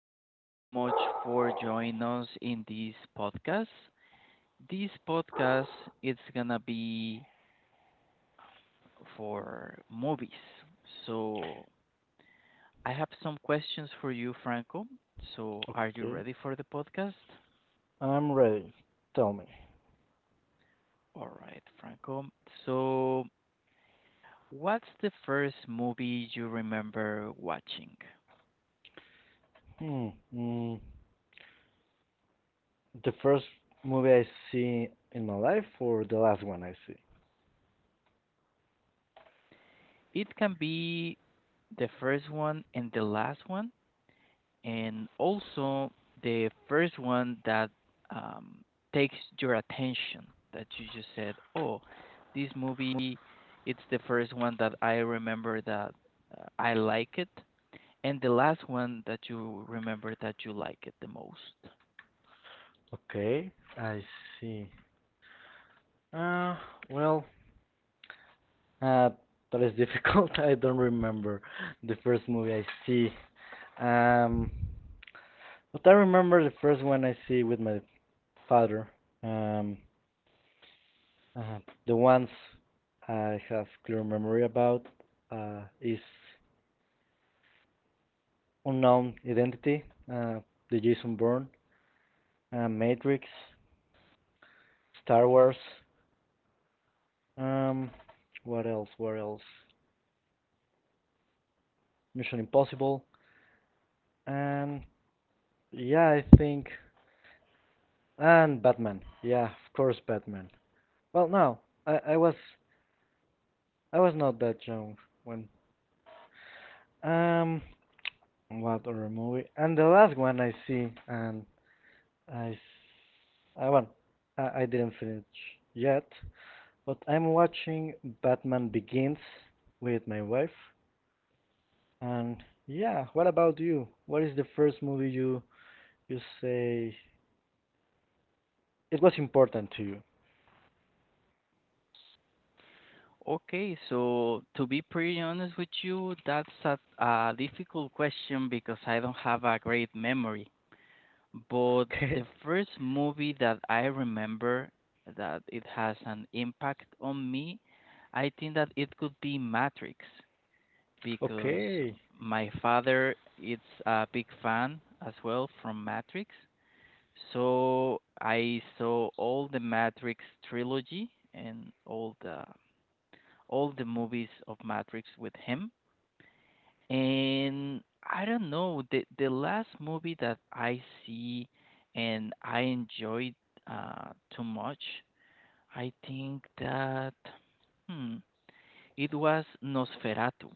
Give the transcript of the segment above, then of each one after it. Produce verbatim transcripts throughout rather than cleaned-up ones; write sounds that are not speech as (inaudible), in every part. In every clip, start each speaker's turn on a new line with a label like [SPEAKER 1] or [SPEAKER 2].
[SPEAKER 1] Thank you so much for joining us in this podcast. This podcast is gonna be for movies. So I have some questions for you, Franco. So are you
[SPEAKER 2] Okay,
[SPEAKER 1] ready for the podcast?
[SPEAKER 2] I'm ready. Tell me.
[SPEAKER 1] All right, Franco. So what's the first movie you remember watching?
[SPEAKER 2] Hmm. Mm, the first movie I see in my life, or the last one I see?
[SPEAKER 1] It can be the first one and the last one, and also the first one that um, takes your attention that you just said, oh, this movie, it's the first one that I remember that uh, I like it, and the last one that you remember that you like it the most.
[SPEAKER 2] Okay, I see. Uh, well, uh, that is difficult. (laughs) I don't remember the first movie I see. Um, but I remember the first one I see with my father. Um, uh, the ones I have clear memory about uh, is Unknown Identity, uh, the Jason Bourne, uh, Matrix, Star Wars, um, what else? What else? Mission Impossible, and yeah, I think and Batman. Yeah, of course, Batman. Well, no, I, I was I was not that young when. Um what other movie? And the last one I see, and I I, well, I, I didn't finish yet, but I'm watching Batman Begins with my wife. And yeah, what about you? What is the first movie you you say it was important to you?
[SPEAKER 1] Okay, so to be pretty honest with you, that's a, a difficult question because I don't have a great memory. But the
[SPEAKER 2] Okay. (laughs)
[SPEAKER 1] first movie that I remember that it has an impact on me, I think that it could be Matrix, because
[SPEAKER 2] Okay.
[SPEAKER 1] my father is a big fan as well from Matrix. So I saw all the Matrix trilogy and all the all the movies of Matrix with him. And I don't know, the the last movie that I see and I enjoyed uh too much, I think that hmm, it was Nosferatu.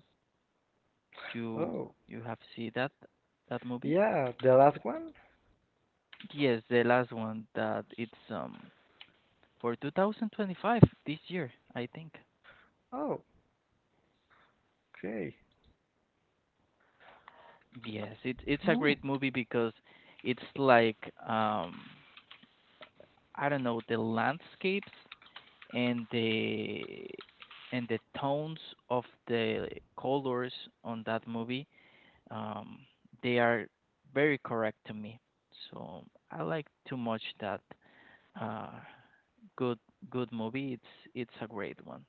[SPEAKER 1] You
[SPEAKER 2] Oh.
[SPEAKER 1] you have seen that that movie?
[SPEAKER 2] Yeah, the last one?
[SPEAKER 1] Yes, the last one that it's um for two thousand twenty-five this year, I think.
[SPEAKER 2] Oh, okay.
[SPEAKER 1] Yes, it's it's a
[SPEAKER 2] Hmm.
[SPEAKER 1] great movie because it's like um I don't know, the landscapes and the and the tones of the colors on that movie, um, they are very correct to me, so I like too much that. uh, Good good movie, it's it's a great one.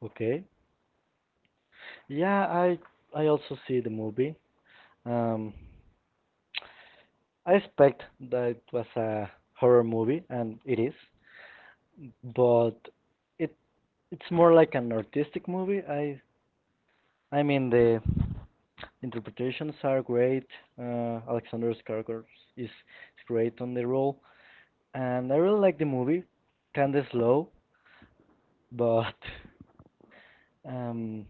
[SPEAKER 2] Okay. Yeah, I I also see the movie. Um, I expect that it was a horror movie, and it is, but it it's more like an artistic movie. I I mean, the interpretations are great. Uh, Alexander Skarsgård is great on the role, and I really like the movie. Kinda slow, but um,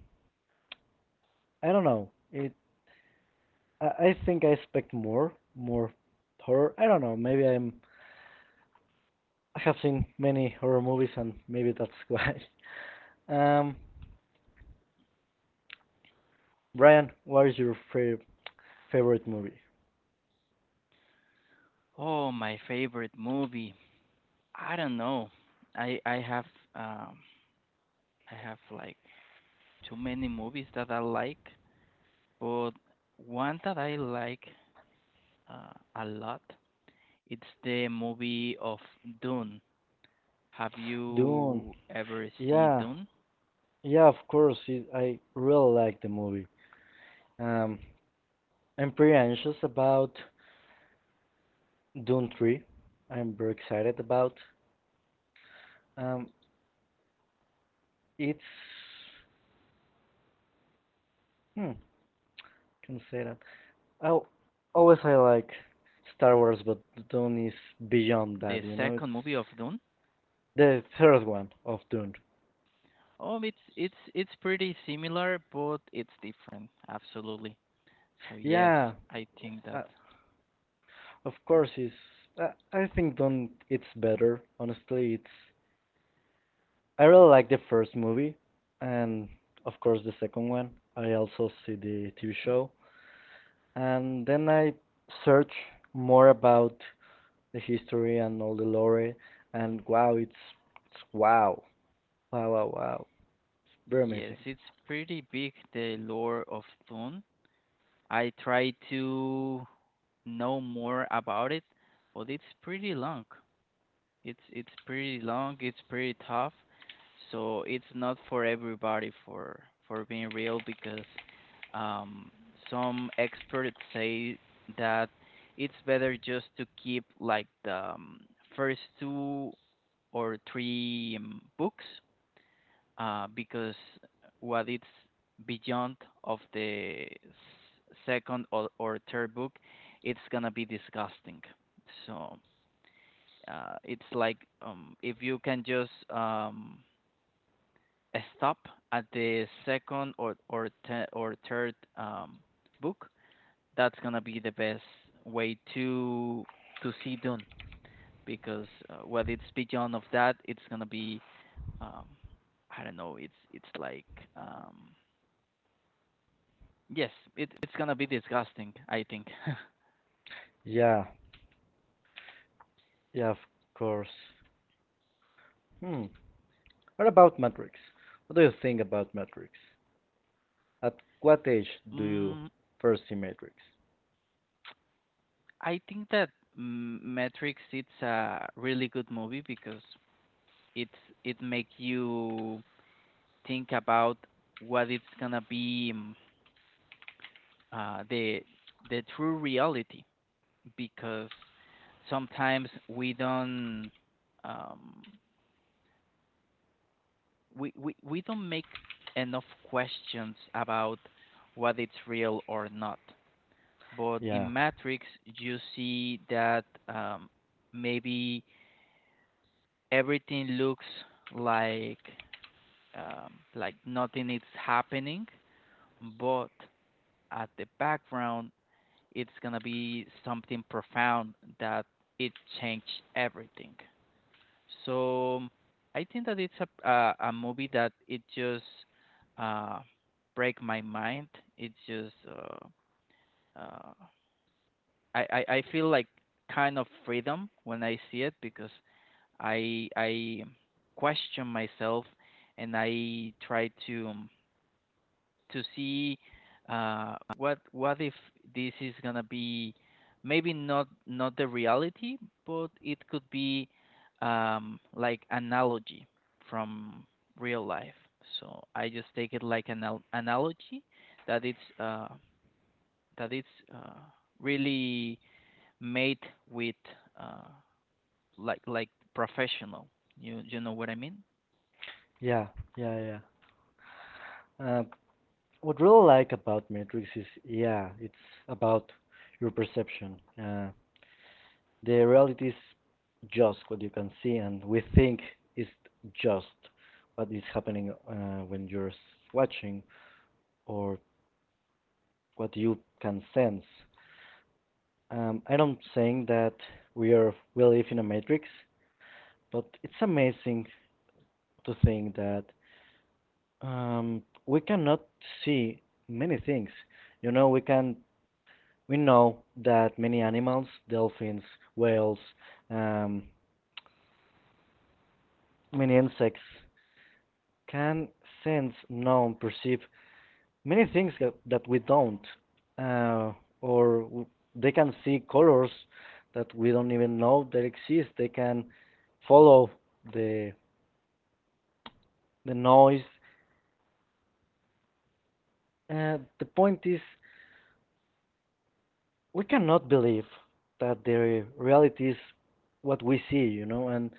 [SPEAKER 2] I don't know. It. I, I think I expect more, more horror. I don't know. Maybe I'm. I have seen many horror movies, and maybe that's why. (laughs) Um, Brian, what is your fa- favorite movie?
[SPEAKER 1] Oh, my favorite movie, I don't know, i i have um I have like too many movies that I like, but one that I like uh, a lot, it's the movie of Dune. Have
[SPEAKER 2] Dune.
[SPEAKER 1] you ever seen
[SPEAKER 2] Yeah,
[SPEAKER 1] Dune?
[SPEAKER 2] yeah, of course. It, I really like the movie. Um, I'm pretty anxious about Dune three. I'm very excited about. Um, it's hmm, can say that. I always I like
[SPEAKER 1] The
[SPEAKER 2] Star Wars,
[SPEAKER 1] second
[SPEAKER 2] but
[SPEAKER 1] movie of
[SPEAKER 2] Dune is
[SPEAKER 1] Dune?
[SPEAKER 2] beyond that. You know, it's the third one of Dune.
[SPEAKER 1] Um, it's it's it's pretty similar, but it's different. Absolutely. So yes,
[SPEAKER 2] Yeah,
[SPEAKER 1] I think that.
[SPEAKER 2] uh, of course it's. Uh, I think Dune it's better. Honestly, it's. I really like the first movie, and of course the second one. I also see the T V
[SPEAKER 1] Mhm.
[SPEAKER 2] show. And then I search more about the history and all the lore, and wow, it's, it's wow, wow, wow, wow, it's very
[SPEAKER 1] Yes,
[SPEAKER 2] amazing.
[SPEAKER 1] it's pretty big, the lore of Dune. I try to know more about it, but it's pretty long. It's it's pretty long, it's pretty tough. So it's not for everybody, for for being real, because um some experts say that it's better just to keep like the um, first two or three um, books uh because what it's beyond of the s- second or, or third book, it's going to be disgusting. So uh, it's like um, if you can just um, uh, stop at the second or or te- or third um, book, that's gonna be the best way to to see Dune, because uh, what it's beyond of that, it's gonna be um, I don't know. It's it's like um, yes, it, it's gonna be disgusting, I think. (laughs)
[SPEAKER 2] Yeah, yeah, of course. Hmm. What about Matrix? What do you think about Matrix? At what age do you
[SPEAKER 1] mm,
[SPEAKER 2] first see Matrix?
[SPEAKER 1] I think that mm, Matrix it's a really good movie because it's it makes you think about what it's gonna be mm, uh, the the true reality, because sometimes we don't um, we, we we don't make enough questions about what it's real or not. But
[SPEAKER 2] Yeah,
[SPEAKER 1] in Matrix, you see that um, maybe everything looks like um, like nothing is happening, but at the background, it's gonna be something profound that it changed everything. So mm, I think that it's a a, a movie that it just uh, break my mind. It's just uh, uh, I, I I feel like kind of freedom when I see it, because I I question myself and I try to um, to see uh, what what if this is gonna be maybe not not the reality, but it could be um, like analogy from real life. So I just take it like an al- analogy that it's uh, that it's uh, really made with uh, like like professional. You you know what I mean?
[SPEAKER 2] yeah, yeah, yeah. Uh, what really like about Matrix is, yeah, it's about your perception. Uh, the reality is just what you can see and we think is just what is happening uh, when you're watching or what you can sense. Um, I don't saying that we are we live in a matrix, but it's amazing to think that um, we cannot see many things. You know, we can we know that many animals, dolphins, whales, um, many insects, can sense, know, perceive many things that, that we don't, uh, or w- they can see colors that we don't even know that exist. They can follow the the noise. Uh, the point is, we cannot believe that the reality is what we see, you know. And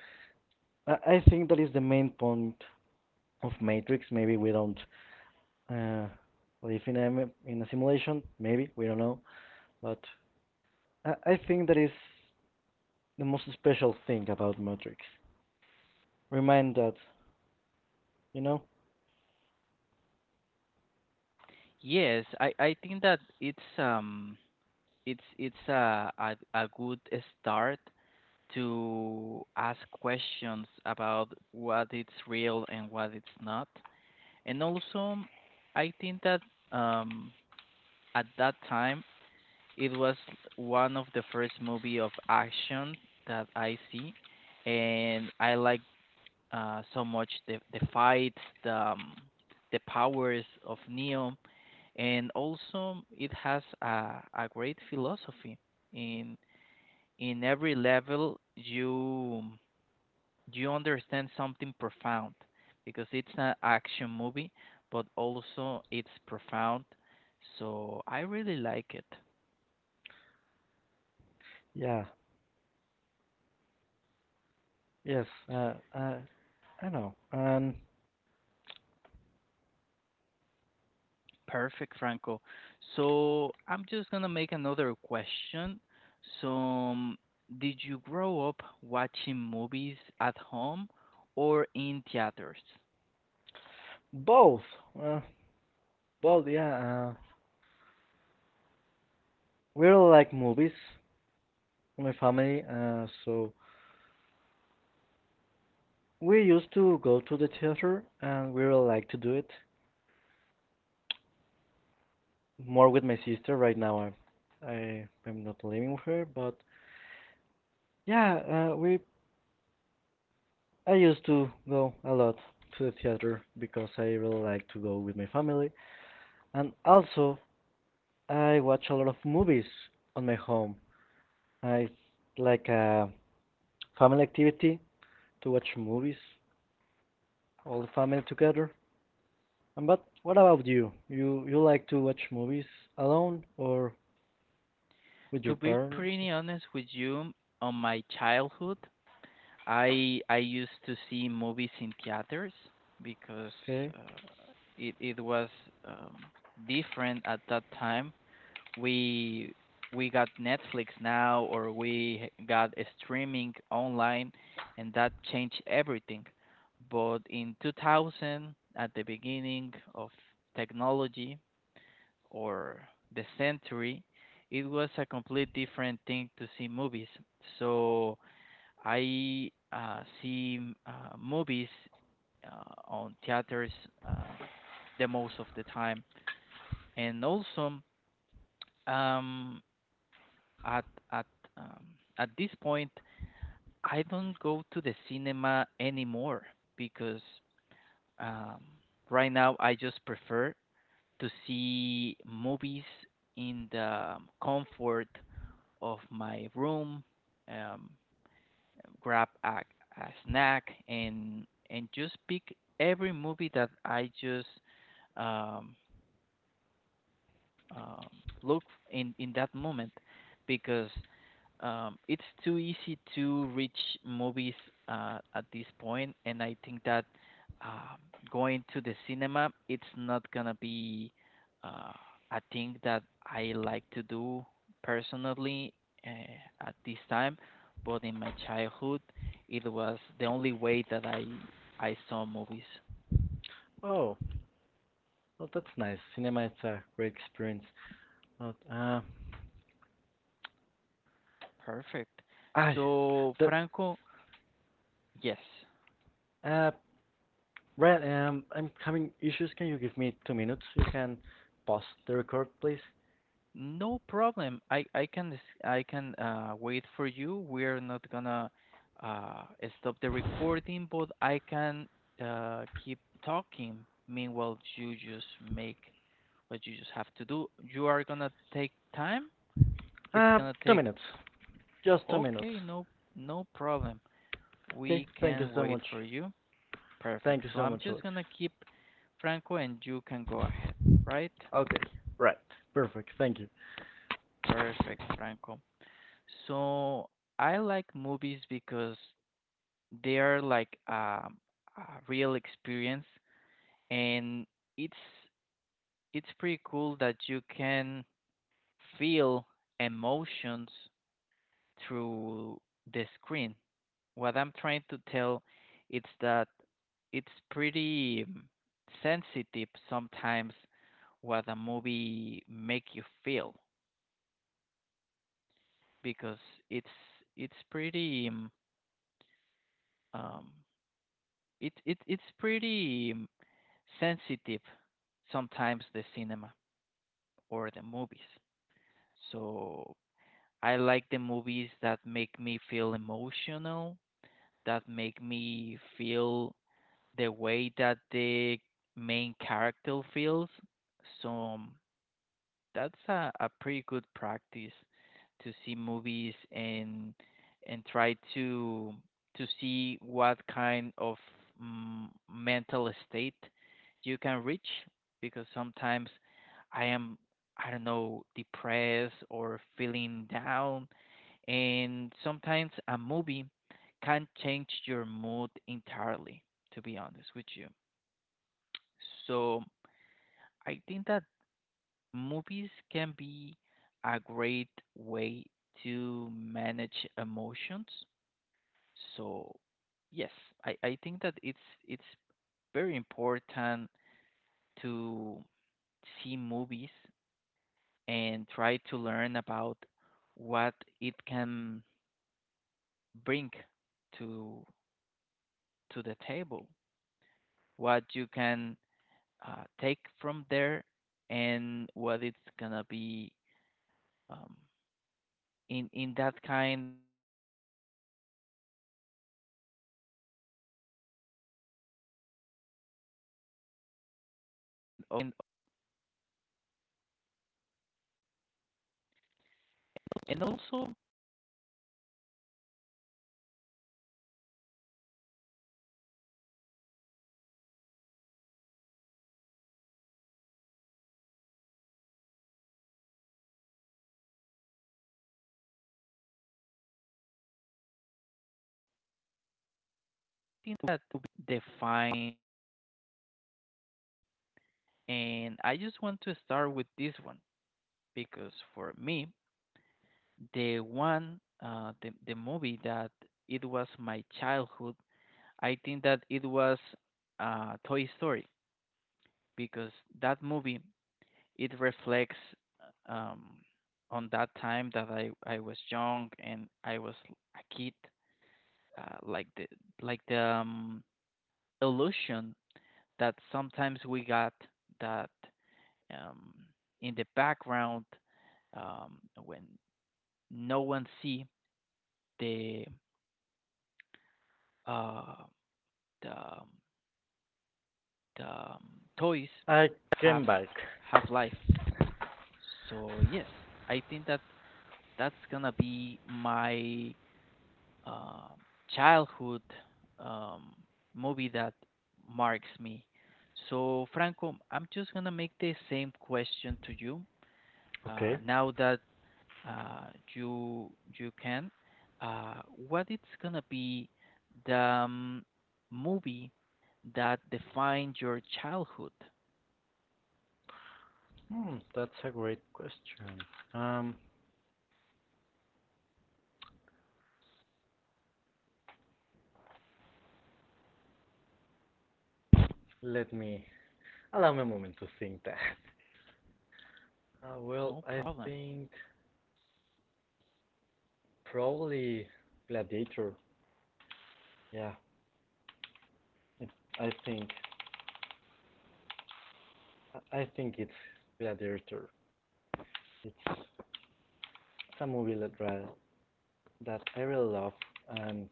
[SPEAKER 2] I think that is the main point of Matrix. Maybe we don't uh, live in a in a simulation. Maybe we don't know, but I, I think that is the most special thing about Matrix. Remind that, you know?
[SPEAKER 1] Yes, I I think that it's um it's it's a, a a good start to ask questions about what it's real and what it's not. And also, I think that um, at that time it was one of the first movie of action that I see, and I like uh, so much the the fights, the um, the powers of Neo, and also it has a, a great philosophy in in every level you you understand something profound, because it's an action movie but also it's profound, so I really like it.
[SPEAKER 2] Yeah, yes, uh, uh, I know. And
[SPEAKER 1] Perfect, Franco. So I'm just gonna make another question. So um, did you grow up watching movies at home or in theaters?
[SPEAKER 2] both, uh, both, yeah. Uh, we all like movies, my family, uh, so we used to go to the theater and we all like to do it. More with my sister right now. I'm, I, I'm not living with her, but yeah, uh, we I used to go a lot to the theater because I really like to go with my family. And also, I watch a lot of movies on my home. I like a family activity to watch movies, all the family together. And but what about you? You you like to watch movies alone or with your
[SPEAKER 1] To be
[SPEAKER 2] parents?
[SPEAKER 1] pretty honest with you, on my childhood I I used to see movies in theaters because
[SPEAKER 2] Okay.
[SPEAKER 1] uh, it it was um, different at that time. We we got Netflix now, or we got a streaming online, and that changed everything. But in two thousand, at the beginning of technology or the century, it was a complete different thing to see movies. So I uh, see m- uh, movies uh, on theaters, um, the most of the time, and also um, at at um, at this point, I don't go to the cinema anymore, because um, right now I just prefer to see movies in the comfort of my room. Um, Grab a, a snack and and just pick every movie that I just um, um, look in in that moment, because um, it's too easy to reach movies uh, at this point, and I think that um, going to the cinema, it's not gonna be uh, a thing that I like to do personally uh, at this time. But in my childhood, it was the only way that I I saw movies.
[SPEAKER 2] Oh, well, that's nice. Cinema is a great experience. But uh,
[SPEAKER 1] Perfect.
[SPEAKER 2] I
[SPEAKER 1] So
[SPEAKER 2] that
[SPEAKER 1] Franco, yes.
[SPEAKER 2] uh, Ryan, um, I'm having issues. Can you give me two minutes? You can pause the record, please.
[SPEAKER 1] No problem. I I can s- I can uh, wait for you. We're not gonna uh, stop the recording, but I can uh, keep talking. Meanwhile, you just make what you just have to do. You are gonna take time. It's
[SPEAKER 2] Uh,
[SPEAKER 1] gonna
[SPEAKER 2] two
[SPEAKER 1] take.
[SPEAKER 2] minutes. Just two minutes.
[SPEAKER 1] Okay, no no problem.
[SPEAKER 2] Okay?
[SPEAKER 1] We
[SPEAKER 2] Thank you
[SPEAKER 1] can
[SPEAKER 2] so
[SPEAKER 1] wait
[SPEAKER 2] much.
[SPEAKER 1] for you.
[SPEAKER 2] Thank
[SPEAKER 1] Perfect.
[SPEAKER 2] you
[SPEAKER 1] So
[SPEAKER 2] so
[SPEAKER 1] I'm
[SPEAKER 2] much,
[SPEAKER 1] just
[SPEAKER 2] Alex.
[SPEAKER 1] gonna keep Franco, and you can go ahead. Right?
[SPEAKER 2] Okay. Right. Perfect. Thank you.
[SPEAKER 1] Perfect, Franco. So I like movies because they are like um, a real experience, and it's it's pretty cool that you can feel emotions through the screen. What I'm trying to tell is that it's pretty um, sensitive sometimes what a movie make you feel because it's it's pretty um, um, it it it's pretty um, sensitive sometimes, the cinema or the movies. So I like the movies that make me feel emotional, that make me feel the way that the main character feels. So um, that's a, a pretty good practice to see movies and and try to to see what kind of mm, mental state you can reach, because sometimes I am I don't know depressed or feeling down, and sometimes a movie can change your mood entirely, to be honest with you. So I think that movies can be a great way to manage emotions. So, yes, I, I think that it's it's very important to see movies and try to learn about what it can bring to to the table, what you can uh, take from there, and what it's gonna be um, in in that kind. Um, and also thing that to define your childhood. And I just want to start with this one because for me, the one, uh, the, the movie that it was my childhood, I think that it was uh, Toy Story, because that movie, it reflects um, on that time that I, I was young and I was a kid, uh, like the, like the um, illusion that sometimes we got that um, in the background um, when no one see the uh, the um, the um, toys
[SPEAKER 2] I
[SPEAKER 1] have
[SPEAKER 2] came back.
[SPEAKER 1] have life. So yes, I think that that's gonna be my um, childhood um, movie that marks me. So Franco, I'm just gonna make the same question to you uh,
[SPEAKER 2] Okay.
[SPEAKER 1] now that uh, you you can. Uh, what it's gonna be the um, movie that defined your childhood?
[SPEAKER 2] Hmm, that's a great question. Um, let me allow me a moment to think that. Uh, well,
[SPEAKER 1] No
[SPEAKER 2] I
[SPEAKER 1] problem.
[SPEAKER 2] think probably Gladiator. Yeah, it, I think I think it's Gladiator. It's a movie that that I really love, and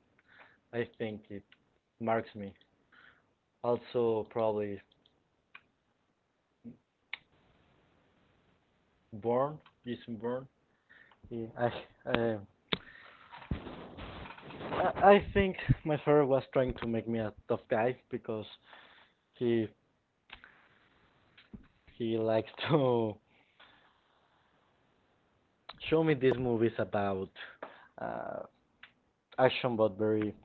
[SPEAKER 2] I think it marks me. Also, probably Born, Jason Bourne. Yeah, I, uh, I I think my father was trying to make me a tough guy because he he likes to (laughs) show me these movies about uh, action, but very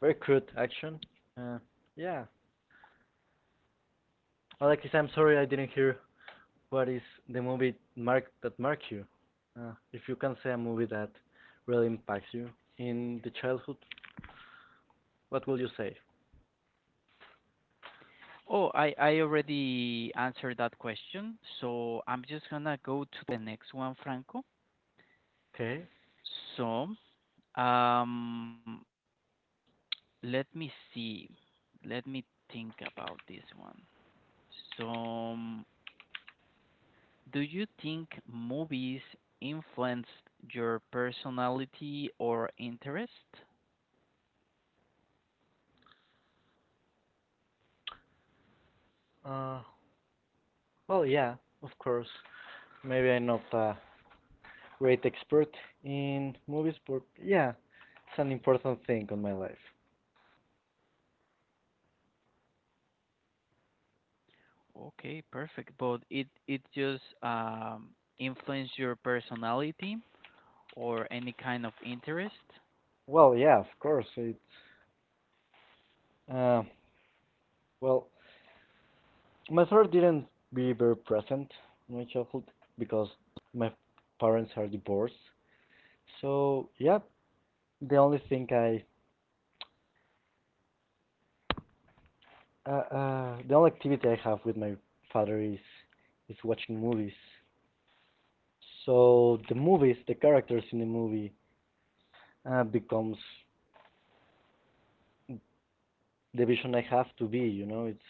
[SPEAKER 2] very crude action. Uh, yeah, Alexis, I'm sorry I didn't hear what is the movie mark that mark you. Uh, if you can say a movie that really impacts you in the childhood, what will you say?
[SPEAKER 1] Oh, I I already answered that question, so I'm just gonna go to the next one, Franco.
[SPEAKER 2] Okay.
[SPEAKER 1] So, um, let me see. Let me think about this one. So. um, Do you think movies influenced your personality or interest?
[SPEAKER 2] Uh, well, yeah, of course. Maybe I'm not a great expert in movies, but yeah, it's an important thing on my life.
[SPEAKER 1] Okay, perfect. But it it just um influenced your personality or any kind of interest?
[SPEAKER 2] Well, yeah, of course. It's. Uh, well, my father didn't be very present in my childhood because my parents are divorced. So yeah, the only thing I, uh, uh, the only activity I have with my father is is watching movies. So the movies, the characters in the movie, uh, becomes the vision I have to be. You know, it's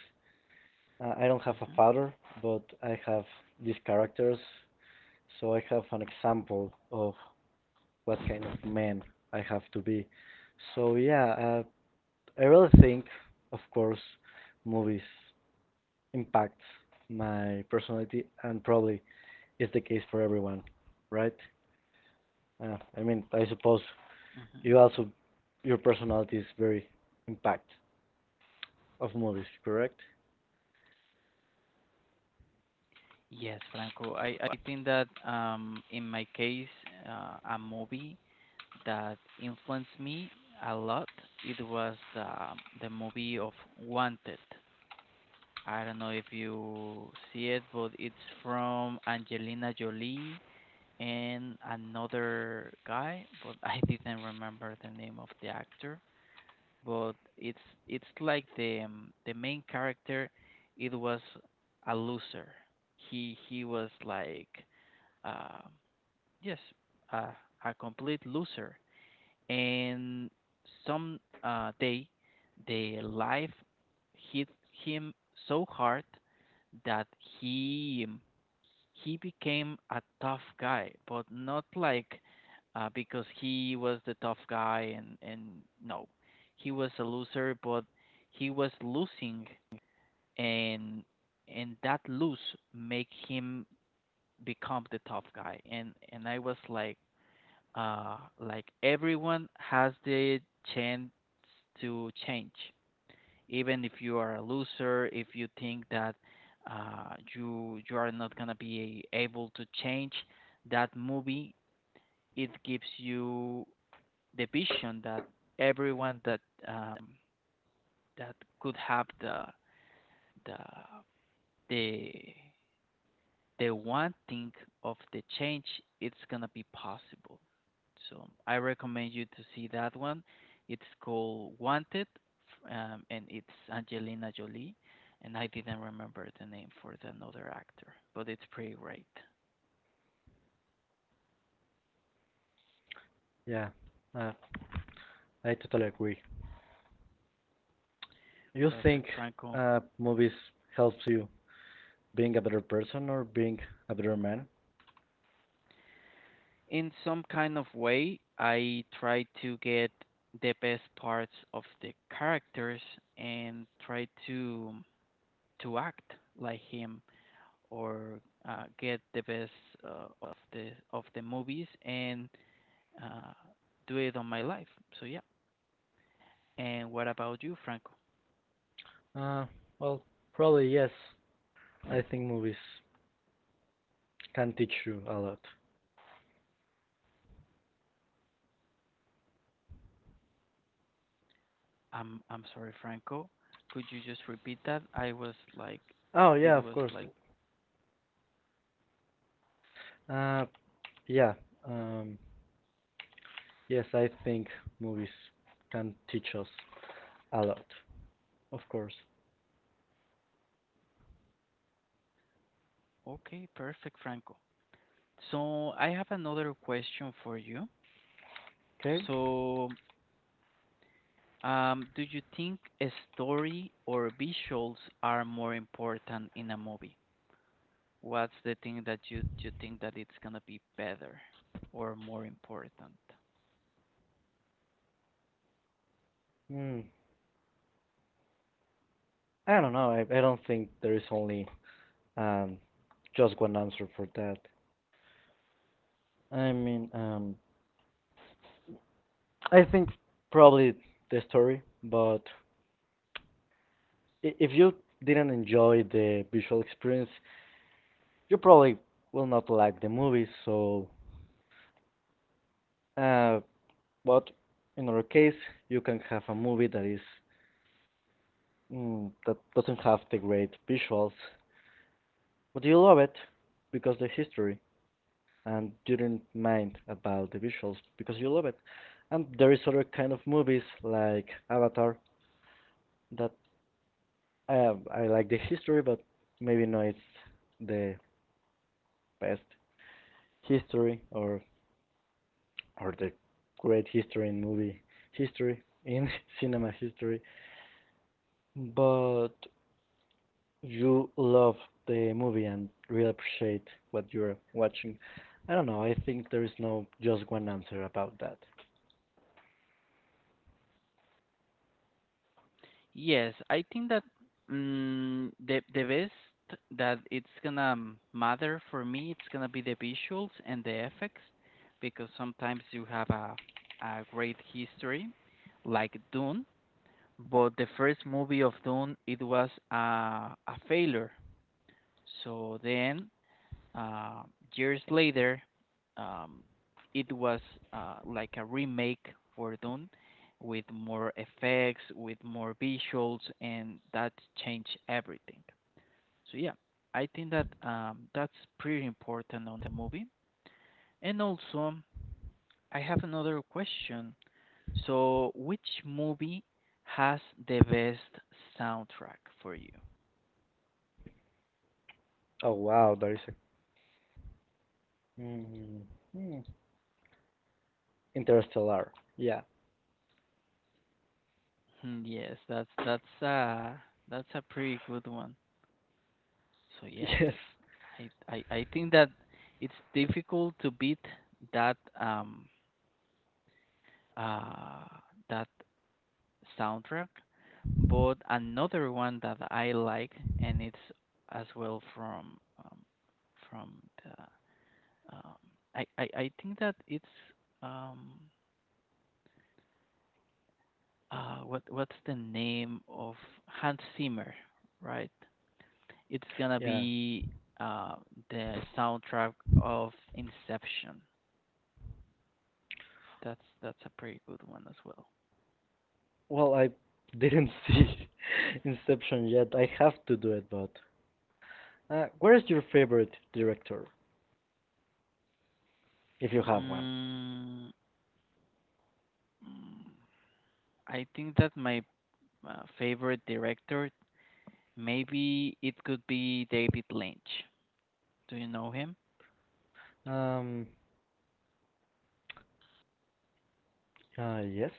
[SPEAKER 2] I don't have a
[SPEAKER 1] hmm
[SPEAKER 2] father, but I have these characters, so I have an example of what kind of man I have to be. So yeah, uh, I really think, of course, movies impact my personality, and probably is the case for everyone, right? Uh, I mean, I suppose
[SPEAKER 1] hmm
[SPEAKER 2] you also your personality is very impact of movies, correct?
[SPEAKER 1] Yes, Franco. I, I think that um in my case, uh, a movie that influenced me a lot, it was the the movie of Wanted. I don't know if you see it, but it's from Angelina Jolie and another guy, but (laughs) I didn't remember the name of the actor. But it's it's like the um, the main character, it was a loser. He he was like um yes, uh, a complete loser and some uh, day the life hit him so hard that he he became a tough guy, but not like uh, because he was the tough guy and and no, he was a loser, but he was losing and and that lose make him become the tough guy and and I was like uh, like everyone has the chance to change even if you are a loser if you think that uh, you you are not gonna be able to change that movie, it gives you the vision that everyone that um, that could have the the the the one thing of the change, it's gonna be possible. So I recommend you to see that one. It's called Wanted, um, and it's Angelina Jolie, and I didn't remember the name for the another actor, but it's pretty great.
[SPEAKER 2] Yeah, uh, I totally agree. You think
[SPEAKER 1] Perfect, Franco.
[SPEAKER 2] uh, movies helps you being a better person or being a better man?
[SPEAKER 1] In some kind of way, I try to get the best parts of the characters and try to to act like him or uh, get the best uh, of the of the movies and uh, do it on my life. So yeah. And what about you, Franco?
[SPEAKER 2] Uh, well, probably yes. I think movies can teach you a lot.
[SPEAKER 1] I'm I'm sorry, Franco. Could you just repeat that? I was like,
[SPEAKER 2] Oh yeah,
[SPEAKER 1] it
[SPEAKER 2] of
[SPEAKER 1] was
[SPEAKER 2] course.
[SPEAKER 1] like,
[SPEAKER 2] Uh, yeah. Um, yes, I think movies can teach us a lot. Of course.
[SPEAKER 1] okay, perfect, Franco. So I have another question for you.
[SPEAKER 2] Okay.
[SPEAKER 1] So, um, do you think a story or visuals are more important in a movie? What's the thing that you you think that it's gonna be better or more important?
[SPEAKER 2] Hmm. I don't know. I, I don't think there is only um just one answer for that. I mean, um, I think probably the story, but i- if you didn't enjoy the visual experience, you probably will not like the movie. So, uh, but in our case, you can have a movie that is mm, that doesn't have the great visuals, but you love it because the history, and you didn't mind about the visuals because you love it. And there is other kind of movies like Avatar that uh, I like the history, but maybe not it's the best history or or the great history in movie history in (laughs) cinema history, but you love the movie and really appreciate what you're watching. I don't know. I think there is no just one answer about that.
[SPEAKER 1] Yes, I think that mm, the the best that it's gonna matter for me, it's gonna be the visuals and the effects, because sometimes you have a a great history, like Dune, but the first movie of Dune it was a a failure. So then Uh, years later, um, it was uh, like a remake for Dune with more effects, with more visuals, and that changed everything. So yeah, I think that um, that's pretty important on the movie. And also, I have another question. So, which movie has the best soundtrack for you?
[SPEAKER 2] Oh wow, there is a mm, hmm, Interstellar. Yeah.
[SPEAKER 1] Hmm, yes, that's that's uh that's a pretty good one. So
[SPEAKER 2] (laughs)
[SPEAKER 1] yes,
[SPEAKER 2] Yes.
[SPEAKER 1] I I, I think that it's difficult to beat that um uh that soundtrack. But another one that I like, and it's as well from um, from the um, I, I I think that it's um uh what what's the name of Hans Zimmer, right? It's gonna
[SPEAKER 2] Yeah,
[SPEAKER 1] be uh the soundtrack of Inception. That's that's a pretty good one as well.
[SPEAKER 2] well, I didn't see (laughs) Inception yet. I have to do it, but uh, where is your favorite director if you have one?
[SPEAKER 1] Mm, mm, I think that my uh, favorite director, maybe it could be David Lynch. Do you know him?
[SPEAKER 2] Um Uh, yes,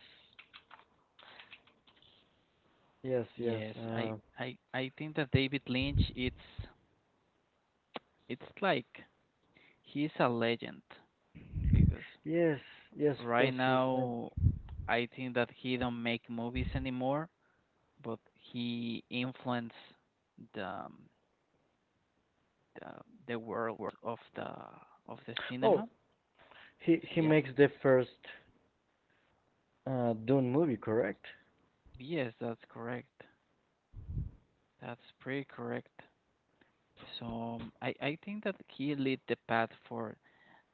[SPEAKER 2] yes, yes,
[SPEAKER 1] Yes, I
[SPEAKER 2] uh,
[SPEAKER 1] I I think that David Lynch, it's it's like he's a legend because
[SPEAKER 2] yes, yes. Of
[SPEAKER 1] right
[SPEAKER 2] course, he's. Uh,
[SPEAKER 1] now I think that he don't make movies anymore, but he influenced the um, the, the world of the of the
[SPEAKER 2] oh,
[SPEAKER 1] cinema.
[SPEAKER 2] he
[SPEAKER 1] So
[SPEAKER 2] he
[SPEAKER 1] yeah,
[SPEAKER 2] makes the first uh, Dune movie, correct?
[SPEAKER 1] yes, that's correct. That's pretty correct. So um, I I think that he lead the path for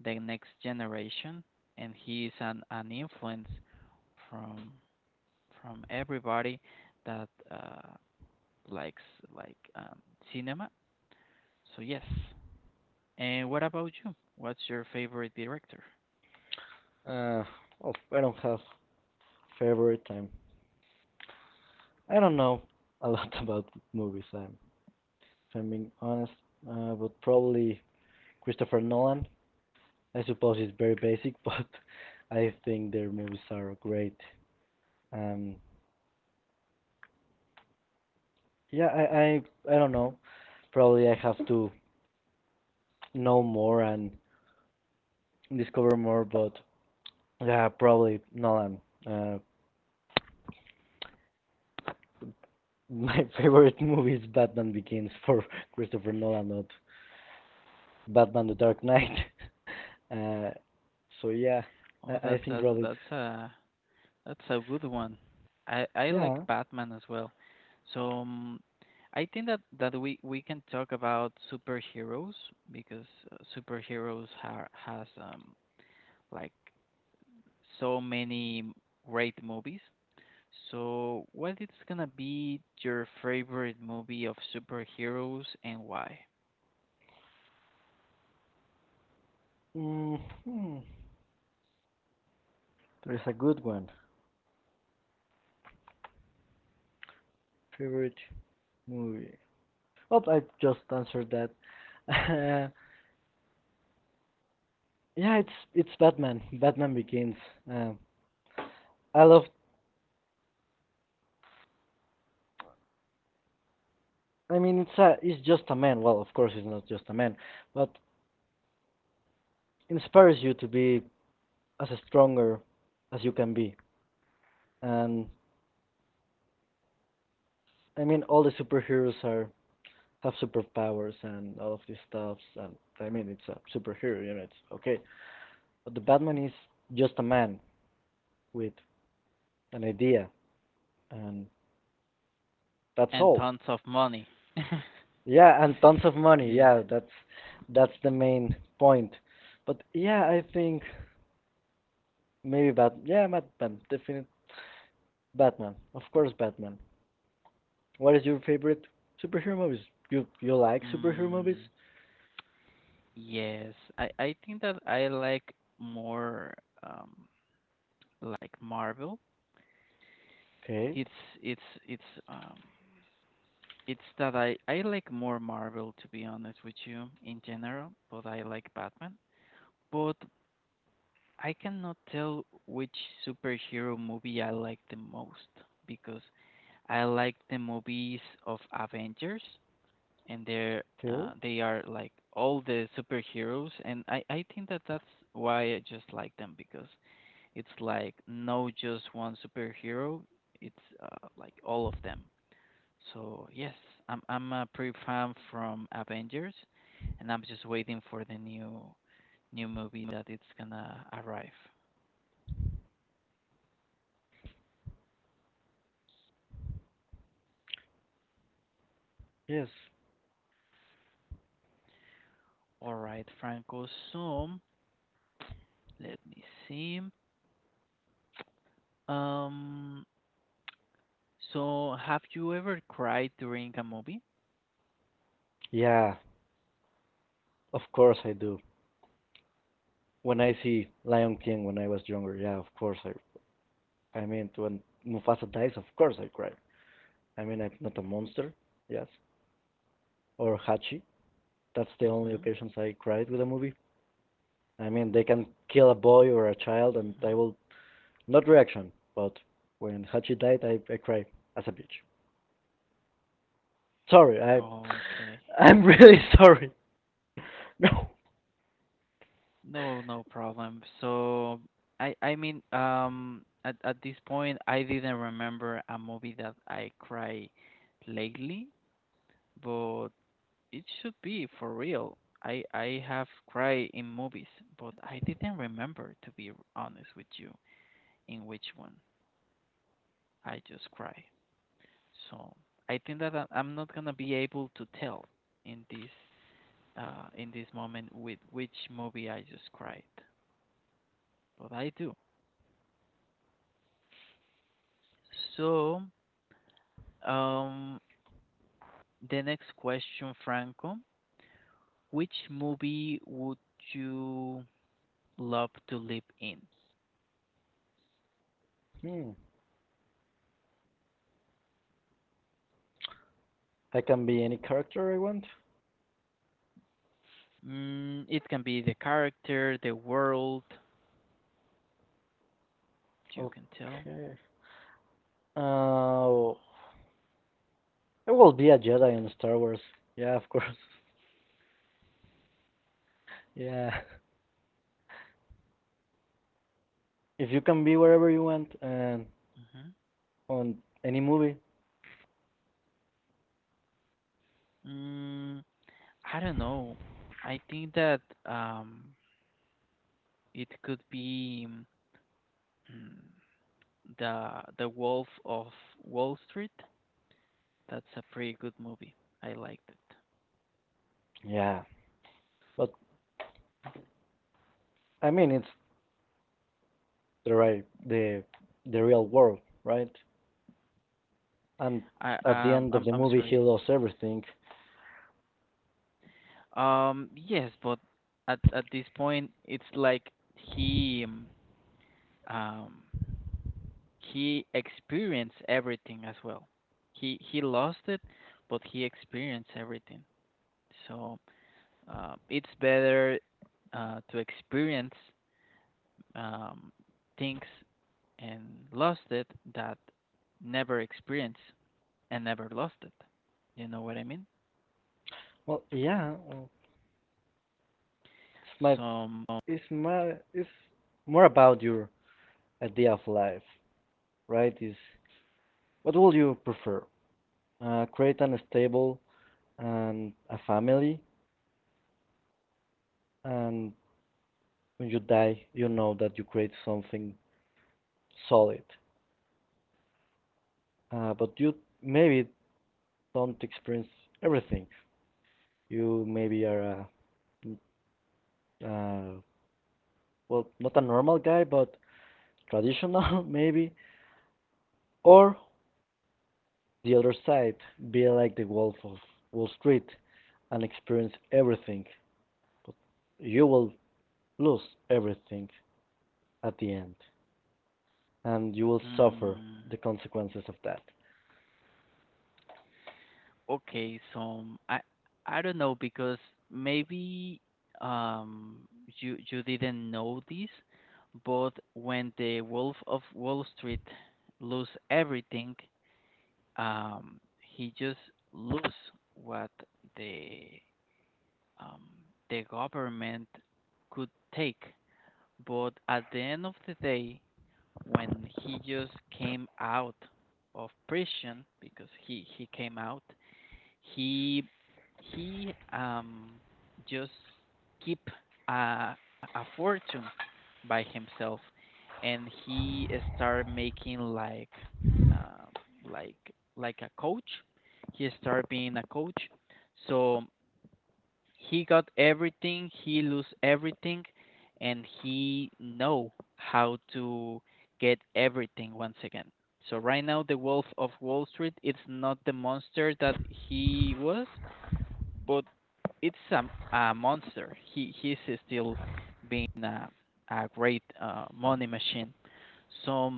[SPEAKER 1] the next generation, and he is an an influence from from everybody that uh, likes like um, cinema. So yes. And what about you? What's your favorite director?
[SPEAKER 2] Uh, oh, I don't have favorite. I'm. I don't know a (laughs) lot about movies. I'm. If I'm being honest, uh, but probably Christopher Nolan. I suppose it's very basic, (laughs) but I think their movies are great. Um, yeah, I I I don't know. Probably I have to know more and discover more, but yeah, probably Nolan. Uh, my (laughs) favorite movie is Batman Begins for (laughs) Christopher Nolan, not Batman: The Dark Knight. (laughs) Uh, so yeah,
[SPEAKER 1] Oh,
[SPEAKER 2] I, I
[SPEAKER 1] that's
[SPEAKER 2] think
[SPEAKER 1] that's
[SPEAKER 2] probably
[SPEAKER 1] that's
[SPEAKER 2] it's-
[SPEAKER 1] a That's a good one. I I like
[SPEAKER 2] yeah.
[SPEAKER 1] Batman as well. So um, I think that that we we can talk about superheroes because uh, superheroes ha has um like so many great movies. So what is gonna be your favorite movie of superheroes and why?
[SPEAKER 2] mm, hmm There is a good one. Favorite movie? Oh, I just answered that. (laughs) Uh, yeah, it's it's Batman. Batman Begins. Uh, I love. I mean, it's a, it's just a man. Well, of course, it's not just a man, but inspires you to be as stronger as you can be. And I mean, all the superheroes are have superpowers and all of these stuffs. And I mean, it's a superhero, you know, it's okay. But the Batman is just a man with an idea, and that's
[SPEAKER 1] And
[SPEAKER 2] all.
[SPEAKER 1] tons of money. (laughs)
[SPEAKER 2] Yeah, and tons of money.
[SPEAKER 1] Yes.
[SPEAKER 2] Yeah, that's that's the main point. But yeah, I think maybe Bat. Yeah, Batman, definite Batman. Of course, Batman. What is your favorite superhero movies? You you like superhero movies?
[SPEAKER 1] Mm, yes. I I think that I like more um like Marvel.
[SPEAKER 2] Okay,
[SPEAKER 1] It's it's it's um it's that I I like more Marvel to be honest with you in general, but I like Batman. But I cannot tell which superhero movie I like the most because I like the movies of Avengers and they're
[SPEAKER 2] okay.
[SPEAKER 1] uh, they are like all the superheroes and I I think that that's why I just like them because it's like no just one superhero. It's uh, like all of them. So yes, I'm I'm a pretty fan from Avengers, and I'm just waiting for the new new movie that it's gonna arrive.
[SPEAKER 2] Yes.
[SPEAKER 1] All right, Franco. So let me see. Um, so have you ever cried during a movie?
[SPEAKER 2] Yeah, of course I do. When I see Lion King when I was younger, yeah, of course I. I mean, when Mufasa dies, of course I cry. I mean, I'm not a monster, yes. Or Hachi. That's the only
[SPEAKER 1] Mm-hmm.
[SPEAKER 2] occasions I cried with a movie. I mean, they can kill a boy or a child, and
[SPEAKER 1] Hmm.
[SPEAKER 2] I will not reaction. But when Hachi died, I, I cried as a bitch. Sorry, I.
[SPEAKER 1] Okay.
[SPEAKER 2] (laughs) I'm really (laughs) sorry. No.
[SPEAKER 1] No, no problem. So I I mean um at at this point I didn't remember a movie that I cry lately, but it should be for real. I I have cried in movies, but I didn't remember to be honest with you in which one I just cry. So I think that I- I'm not gonna be able to tell in this uh in this moment with which movie I just cried, but I do. So um, the next question, Franco. Which movie would you love to live in?
[SPEAKER 2] Hmm. I can be any character I want.
[SPEAKER 1] Mm, it can be the character, the world, you can tell.
[SPEAKER 2] Okay. Uh, There will be a Jedi in Star Wars. Yeah, of course. (laughs) Yeah. If you can be wherever you want and
[SPEAKER 1] Hmm.
[SPEAKER 2] on any movie,
[SPEAKER 1] Mm, I don't know. I think that um, it could be mm, the The Wolf of Wall Street. That's a pretty good movie. I liked it.
[SPEAKER 2] yeah. But I mean, it's the right, the the real world, right? And
[SPEAKER 1] I
[SPEAKER 2] at the
[SPEAKER 1] um,
[SPEAKER 2] end of
[SPEAKER 1] I'm
[SPEAKER 2] the
[SPEAKER 1] I'm
[SPEAKER 2] movie, he
[SPEAKER 1] sorry.
[SPEAKER 2] lost everything.
[SPEAKER 1] Um, yes, but at at this point, it's like he um um, he experienced everything as well. He he lost it, but he experienced everything. So uh, it's better uh, to experience um, things and lost it that never experienced and never lost it. You know what I mean?
[SPEAKER 2] Well, yeah. well, It's my,
[SPEAKER 1] So.
[SPEAKER 2] it's my, it's more about your idea of life, right? Is what will you prefer? Uh, create an stable and a family, and when you die, you know that you create something solid. Uh, but you maybe don't experience everything. You maybe are a, uh, well, not a normal guy, but traditional (laughs) maybe. Or the other side, be like the Wolf of Wall Street and experience everything. But you will lose everything at the end, and you will suffer
[SPEAKER 1] Mm.
[SPEAKER 2] the consequences of that.
[SPEAKER 1] Okay, so I I don't know because maybe um you you didn't know this, but when the Wolf of Wall Street lose everything, um he just lose what the um the government could take. But at the end of the day, when he just came out of prison because he he came out he he um, just keep a, a fortune by himself, and he started making like um like like a coach. He started being a coach, so he got everything. He lose everything, and he know how to get everything once again. So right now, the Wolf of Wall Street it's not the monster that he was but it's a, a monster. He he's still being a, a great uh, money machine. So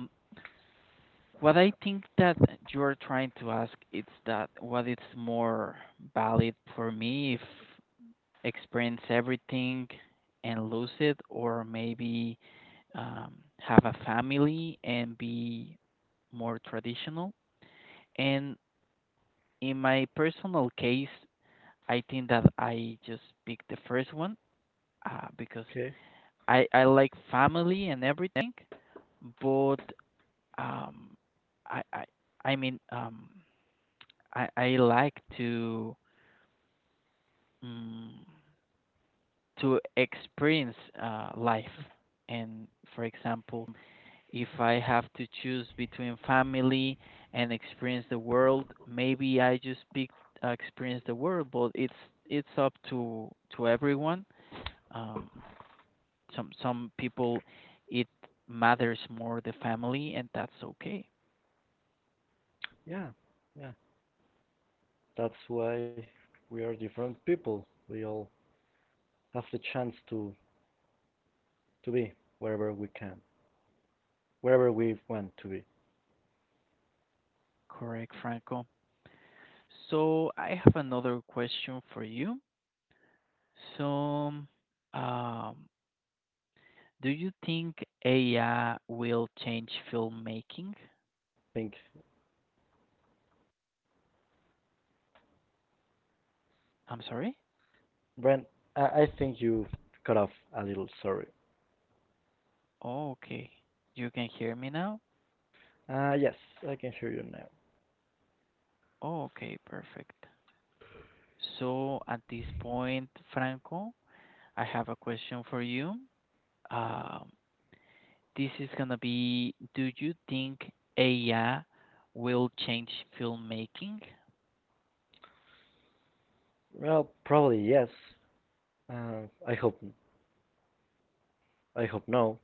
[SPEAKER 1] what I think that you're trying to ask is that what is more valid for me if experience everything and lose it, or maybe um, have a family and be more traditional. And in my personal case, I think that I just picked the first one uh, because
[SPEAKER 2] Okay.
[SPEAKER 1] I I like family and everything, but um, I I I mean um, I I like to mm, to experience uh, life, and for example, if I have to choose between family and experience the world, maybe I just pick uh, experience the world, but it's it's up to to everyone. Um, some some people it matters more the family and that's okay.
[SPEAKER 2] Yeah. Yeah. That's why we are different people. We all have the chance to to be wherever we can, wherever we want to be. I
[SPEAKER 1] Correct, Franco. So I have another question for you. So um do you think AI will change
[SPEAKER 2] think,
[SPEAKER 1] filmmaking? I'm sorry.
[SPEAKER 2] Brent, I, I think you cut off a little. Sorry.
[SPEAKER 1] Oh, okay, you can hear me now.
[SPEAKER 2] Uh, yes, I can hear you now.
[SPEAKER 1] Oh, okay, perfect. So at this point, Franco, I have a question for you. Um, this is gonna be, do you think A I will change filmmaking?
[SPEAKER 2] Well, probably yes. Uh, I hope I hope no,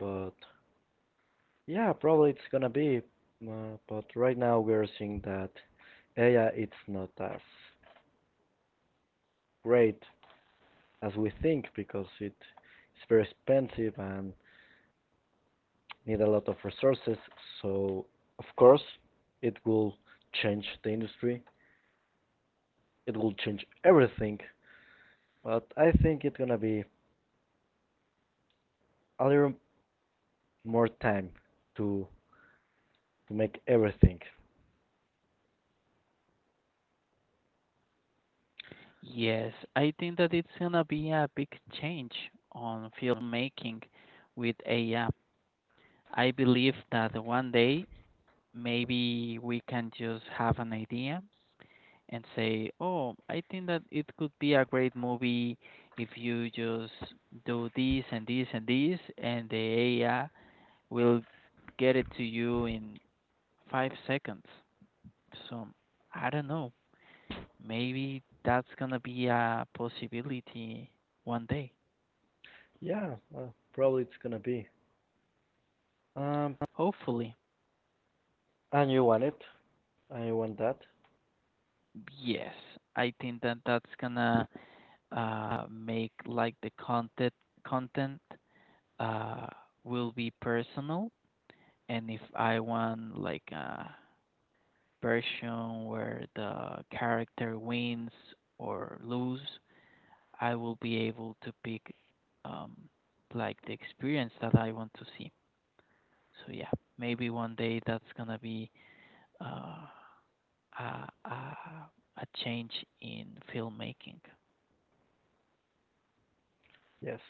[SPEAKER 2] but yeah, probably it's gonna be. Uh, but right now we are seeing that A I it's not as great as we think because it is very expensive and need a lot of resources. So of course it will change the industry. It will change everything. But I think it's gonna be a little more time to to make everything.
[SPEAKER 1] Yes, I think that it's gonna be a big change on filmmaking with A I. I I believe that one day maybe we can just have an idea and say, "Oh, I think that it could be a great movie if you just do this and this and this," and the A I will get it to you in five seconds. So I don't know. Maybe that's gonna be a possibility one day.
[SPEAKER 2] Yeah, uh, probably it's gonna be. Um,
[SPEAKER 1] Hopefully.
[SPEAKER 2] and you want it? And you want that?
[SPEAKER 1] Yes, I think that that's gonna uh make like the content content uh will be personal and if I want like a version where the character wins or lose, I will be able to pick um like the experience that I want to see. So yeah, maybe one day that's gonna be uh, a, a a change in filmmaking.
[SPEAKER 2] Yes.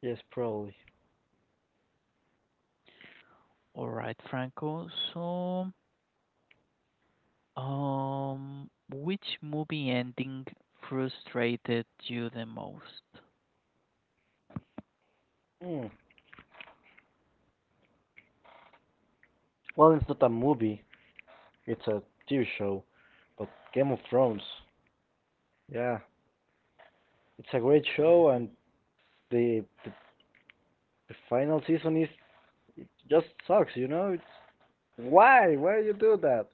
[SPEAKER 2] Yes, probably.
[SPEAKER 1] All right, Franco. So, um, which movie ending frustrated you the most?
[SPEAKER 2] Mm. Well, it's not a movie. It's a T V show. But Game of Thrones. Yeah, it's a great show, and the the, the final season is it just sucks, you know. It's why, why you do that?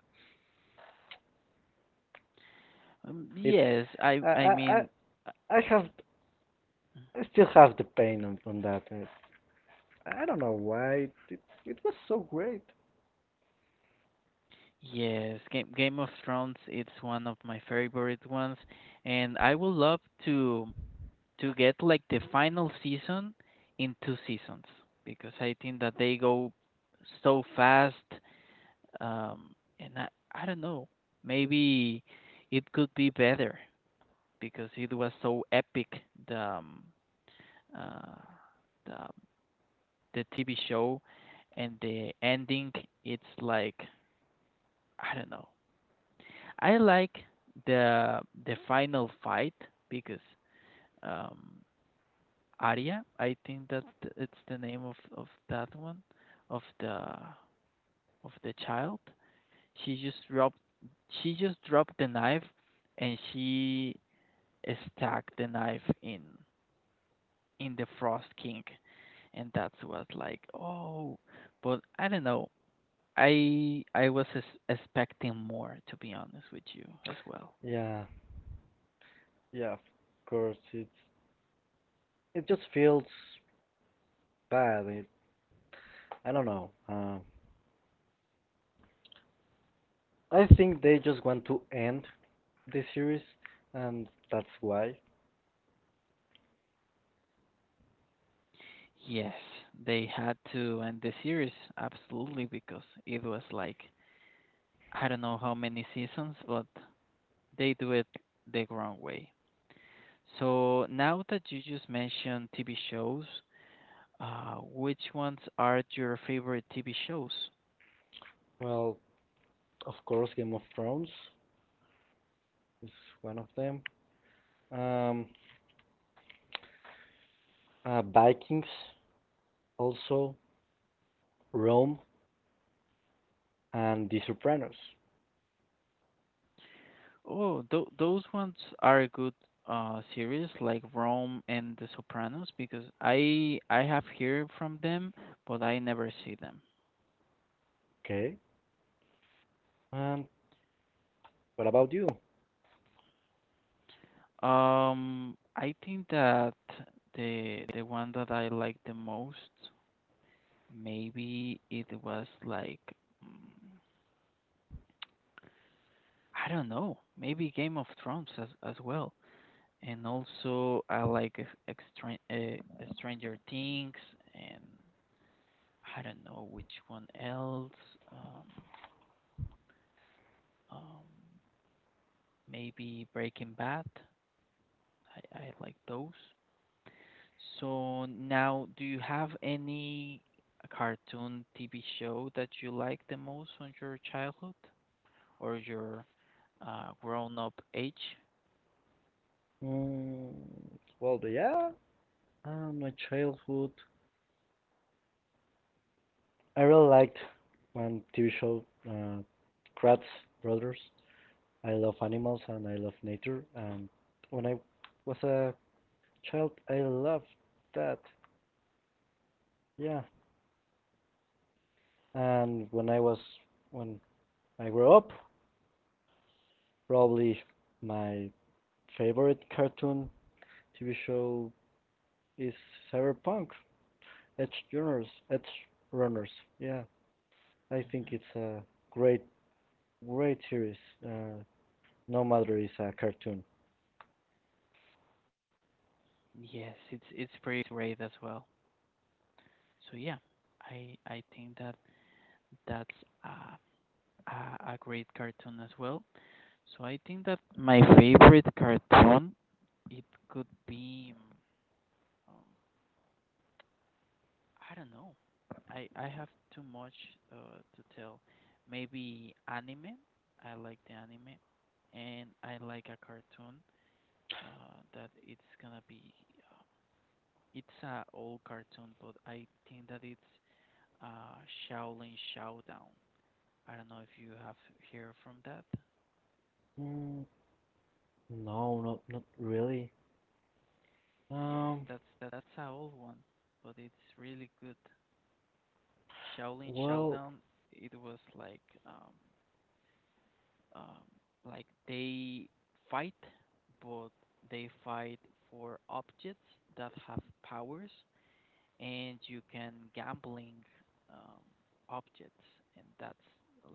[SPEAKER 1] Um,
[SPEAKER 2] It's
[SPEAKER 1] yes, I
[SPEAKER 2] I
[SPEAKER 1] I
[SPEAKER 2] I I
[SPEAKER 1] mean
[SPEAKER 2] I have
[SPEAKER 1] uh,
[SPEAKER 2] I still have the pain on, on that. And I don't know why it, it it was so great.
[SPEAKER 1] yes, Game Game of Thrones. It's one of my favorite ones, and I would love to to get like the final season in two seasons because I think that they go so fast. Um, and I, I don't know, maybe it could be better because it was so epic the um, uh, the um, the T V show and the ending. It's like I don't know. I like the the final fight because um, Aria. I think that it's the name of of that one, of the of the child. She just dropped she just dropped the knife, and she stuck the knife in in the Frost King, and that's was like oh, but I don't know. I I was es- expecting more to be honest with you as well.
[SPEAKER 2] Yeah, yeah, of course. It's it just feels bad. It, I don't know. Uh, I think they just want to end the series, and that's why.
[SPEAKER 1] Yes, they had to end the series absolutely because it was like I don't know how many seasons, but they do it the wrong way. So now that you just mentioned T V shows, uh, which ones are your favorite T V shows?
[SPEAKER 2] Well, of course, Game of Thrones is one of them. Um, uh, Vikings, also Rome and The Sopranos.
[SPEAKER 1] Oh, th those ones are good uh series like Rome and The Sopranos because I I have heard from them, but I never see them.
[SPEAKER 2] Okay. And what about you?
[SPEAKER 1] Um, I think that the the one that I like the most maybe it was like mm, I don't know. Maybe Game of Thrones as as well. And also I like ex- extra, uh, Stranger Things and I don't know which one else. Um, um, maybe Breaking Bad. I, I like those. So now, do you have any cartoon T V show that you like the most on your childhood or your uh, grown-up age?
[SPEAKER 2] Mm, well, the- yeah. Uh, my childhood. I really liked one T V show, uh, Kratz Brothers. I love animals and I love nature. And when I was a child, I loved that. Yeah. And when I was when I grew up, probably my favorite cartoon T V show is Cyberpunk. Edge Runners, Edge Runners. Yeah, I think
[SPEAKER 1] Hmm.
[SPEAKER 2] it's a great, great series. Uh, no matter it's a cartoon.
[SPEAKER 1] Yes, it's it's pretty great as well. So yeah, I I think that that's uh, a a great cartoon as well. So I think that my favorite cartoon it could be um, I don't know. I I have too much uh, to tell. Maybe anime. I like the anime, and I like a cartoon uh, that it's gonna be. Uh, it's a old cartoon, but I think that it's uh, Shaolin Showdown. I don't know if you have heard from that.
[SPEAKER 2] Mm, no, not not really.
[SPEAKER 1] Yes,
[SPEAKER 2] Um,
[SPEAKER 1] that's that, that's a old one, but it's really good. Shaolin
[SPEAKER 2] well,
[SPEAKER 1] Showdown. It was like um um like they fight, but they fight for objects that have powers, and you can gambling um objects, and that's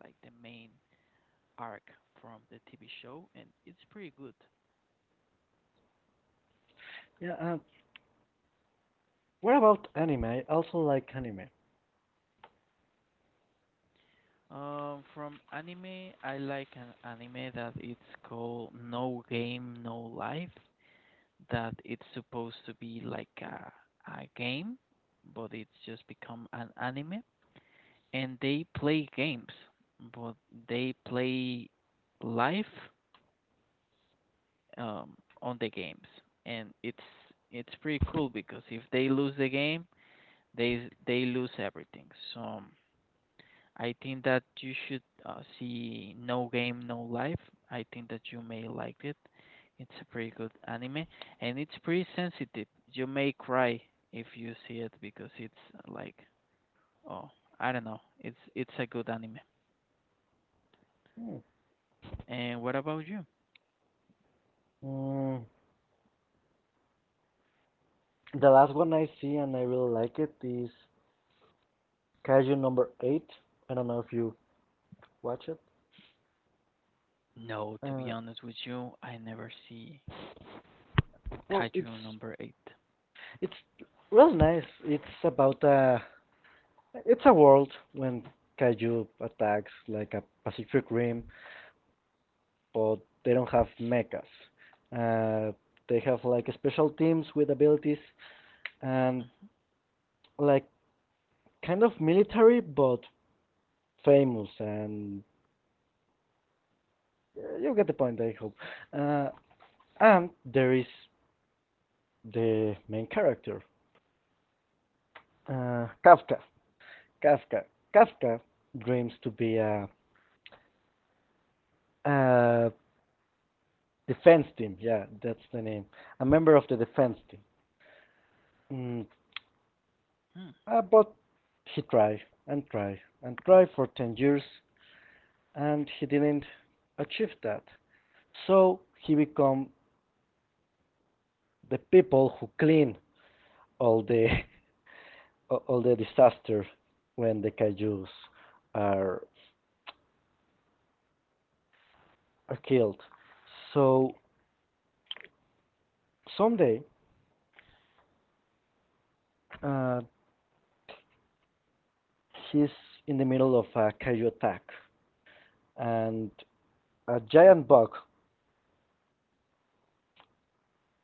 [SPEAKER 1] like the main arc from the T V show, and it's pretty good.
[SPEAKER 2] yeah. Uh, what about anime? I also like anime.
[SPEAKER 1] Um, from anime, I like an anime that it's called No Game, No Life. That it's supposed to be like a, a game, but it's just become an anime. And they play games, but they play life um, on the games, and it's it's pretty cool because if they lose the game, they they lose everything. So um, I think that you should uh, see No Game No Life. I think that you may like it. It's a pretty good anime and it's pretty sensitive. You may cry if you see it because it's uh, like oh, I don't know. It's it's a good anime.
[SPEAKER 2] Hmm.
[SPEAKER 1] And what about you?
[SPEAKER 2] Mm, the last one I see and I really like it is Kaiju Number Eight. I don't know if you watch it.
[SPEAKER 1] No, to be
[SPEAKER 2] Uh,
[SPEAKER 1] honest with you, I never see
[SPEAKER 2] well, it's
[SPEAKER 1] Kaiju number eight.
[SPEAKER 2] it's really nice. It's about a It's a world when kaiju attacks like a Pacific Rim, but they don't have mechas. Uh, they have like special teams with abilities and like kind of military, but famous. And uh, you get the point, I hope. Uh, and there is the main character, uh, Kafka. Kafka. Kafka dreams to be a, a defense team. Yeah, that's the name. A member of the defense team. Mm,
[SPEAKER 1] Mhm.
[SPEAKER 2] uh, but he tried and tried and tried for ten years and he didn't achieve that. So he become the people who clean all the (laughs) all the disaster when the kaijus are, are killed. So someday uh, he's in the middle of a kaiju attack and a giant bug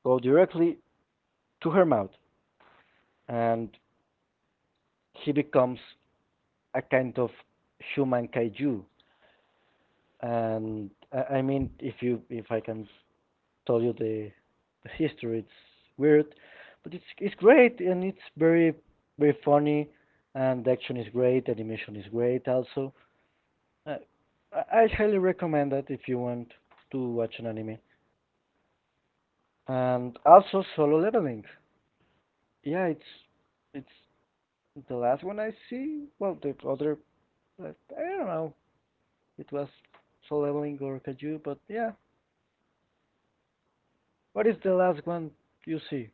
[SPEAKER 2] go directly to her mouth and he becomes a kind of human kaiju. And I, I mean, if you if I can tell you the, the history, it's weird, but it's it's great and it's very very funny, and the action is great, animation is great also. Uh, I, I highly recommend that if you want to watch an anime. And also Solo Leveling. Yeah, it's it's the last one I see. Well, the other I I don't know. It was Solo Leveling or Kaju, but yeah. What is the last one you see?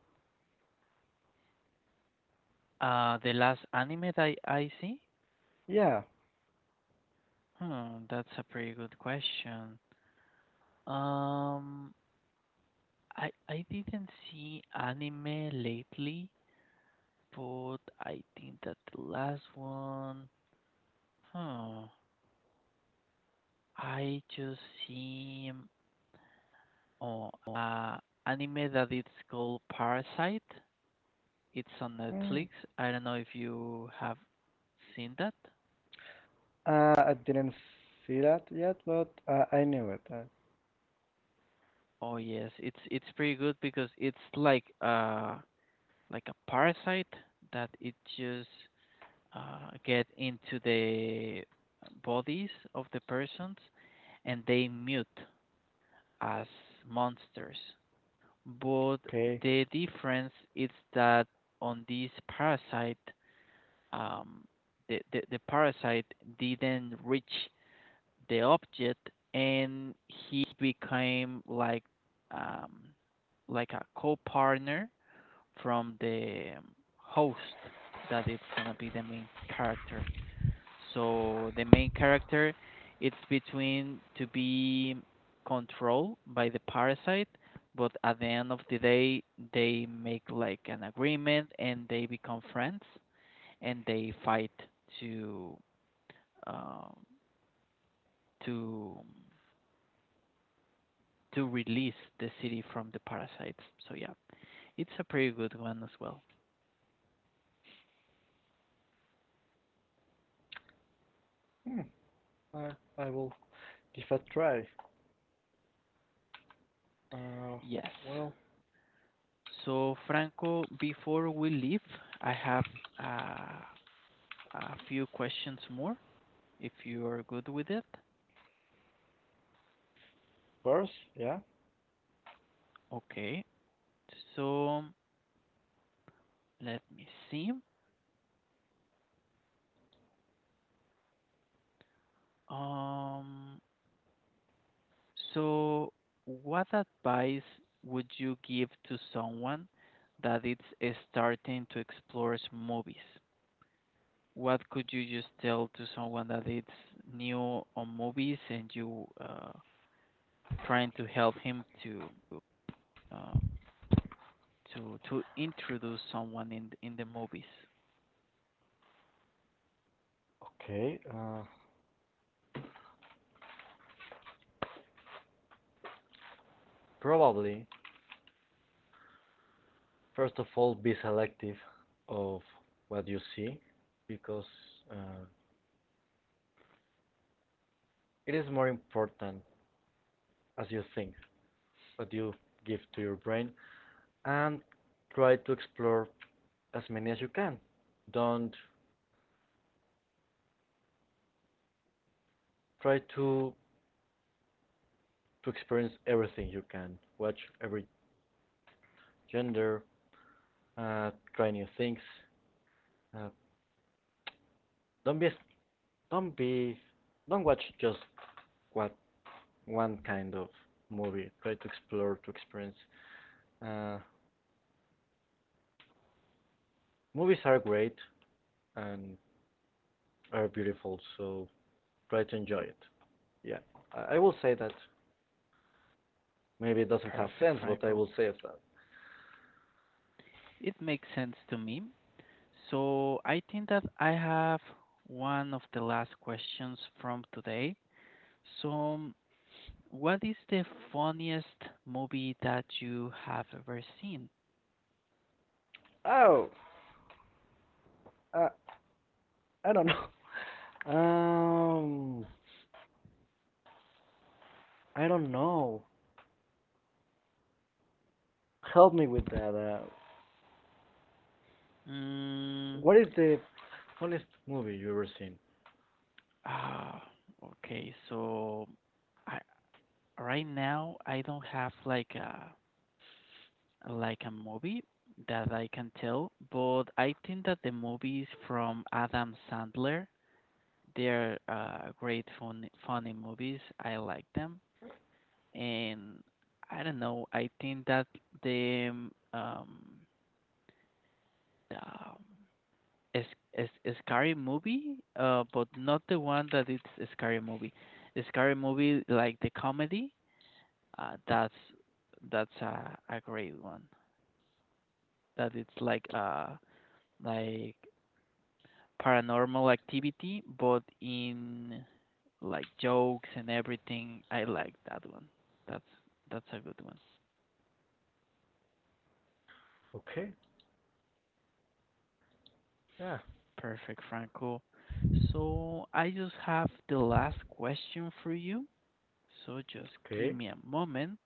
[SPEAKER 1] Uh, the last anime that I, I see?
[SPEAKER 2] Yeah.
[SPEAKER 1] Hmm, that's a pretty good question. Um, I I didn't see anime lately, but I think that the last one, huh, I just seen oh, uh, anime that it's called Parasite. It's on
[SPEAKER 2] Hmm.
[SPEAKER 1] Netflix. I don't know if you have seen that.
[SPEAKER 2] Uh, I didn't see that yet, but uh, I knew it. Uh,
[SPEAKER 1] Oh yes, it's it's pretty good because it's like uh like a parasite that it just uh, get into the bodies of the persons and they mute as monsters. But
[SPEAKER 2] Okay.
[SPEAKER 1] the difference is that on this parasite, um, the, the, the parasite didn't reach the object and he became like um, like a co-partner from the host that it's gonna be the main character, so the main character, it's between to be controlled by the parasite, but at the end of the day, they make like an agreement and they become friends and they fight to um, to to release the city from the parasites. So yeah, it's a pretty good one as well.
[SPEAKER 2] Hmm. I, I will give a try. Uh,
[SPEAKER 1] Yes.
[SPEAKER 2] well,
[SPEAKER 1] So Franco, before we leave, I have uh, a few questions more, if you are good with it.
[SPEAKER 2] first, yeah.
[SPEAKER 1] Okay, so let me see. Um, so what advice would you give to someone that is uh, starting to explore movies? What could you just tell to someone that it's new on movies and you uh, trying to help him to um, to to introduce someone in in the movies?
[SPEAKER 2] Okay. Uh, probably, first of all, be selective of what you see because uh, it is more important as you think, what you give to your brain, and try to explore as many as you can. Don't try to to experience everything you can. Watch every gender, uh, try new things. Uh, don't be, don't be, don't watch just what one kind of movie. Try to explore, to experience. Uh, movies are great and are beautiful, so try to enjoy it. Yeah, I, I will say that. Maybe it doesn't have
[SPEAKER 1] Perfect,
[SPEAKER 2] sense, but I
[SPEAKER 1] Franco.
[SPEAKER 2] will say it that.
[SPEAKER 1] It makes sense to me. So I think that I have one of the last questions from today. So, what is the funniest movie that you have ever seen?
[SPEAKER 2] Oh, uh, I don't know. Um, I don't know. Help me with that. Uh,
[SPEAKER 1] Mm,
[SPEAKER 2] What is the funniest movie you ever seen?
[SPEAKER 1] ah, okay. So, I, right now I don't have like a like a movie that I can tell, but I think that the movies from Adam Sandler, they're uh, great fun, funny movies. I like them. And I don't know. I think that the um the um, is is is scary movie, uh, but not the one that it's a scary movie. A scary movie like the comedy, uh, that's that's a a great one. That it's like uh like paranormal activity, but in like jokes and everything. I like that one. That's that's a good one.
[SPEAKER 2] Okay. Yeah.
[SPEAKER 1] Perfect, Franco. So I just have the last question for you. So just give
[SPEAKER 2] Okay.
[SPEAKER 1] me a moment.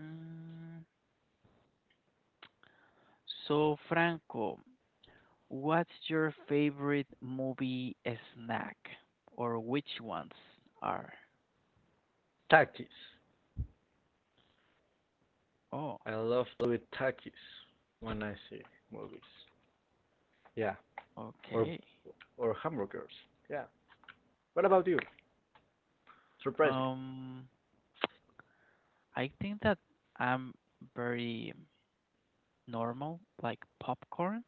[SPEAKER 1] Mm, so, Franco, what's your favorite movie snack, or which ones are?
[SPEAKER 2] Takis.
[SPEAKER 1] Oh,
[SPEAKER 2] I love to eat takis when I see movies. Yeah. Or
[SPEAKER 1] okay.
[SPEAKER 2] or hamburgers. Yeah. What about you? Surprise me.
[SPEAKER 1] Um, I think that I'm very normal, like popcorns,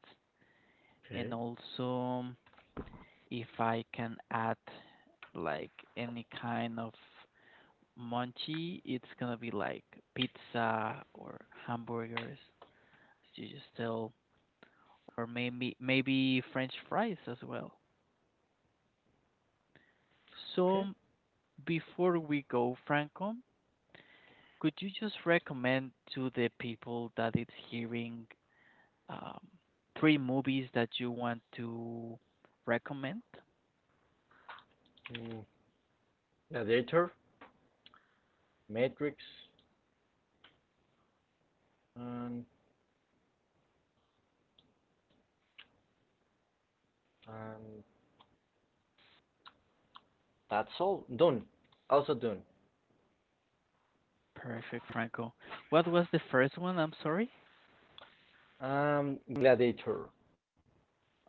[SPEAKER 1] and
[SPEAKER 2] Okay.
[SPEAKER 1] also if I can add like any kind of munchie, it's gonna be like pizza or hamburgers, you just tell, or maybe maybe French fries as well.
[SPEAKER 2] Okay.
[SPEAKER 1] So before we go, Franco, could you just recommend to the people that it's hearing um, three movies that you want to recommend?
[SPEAKER 2] Mm. Gladiator, Matrix, and and that's all. Done. Also done.
[SPEAKER 1] Perfect, Franco. What was the first one? I'm sorry.
[SPEAKER 2] Um, Gladiator.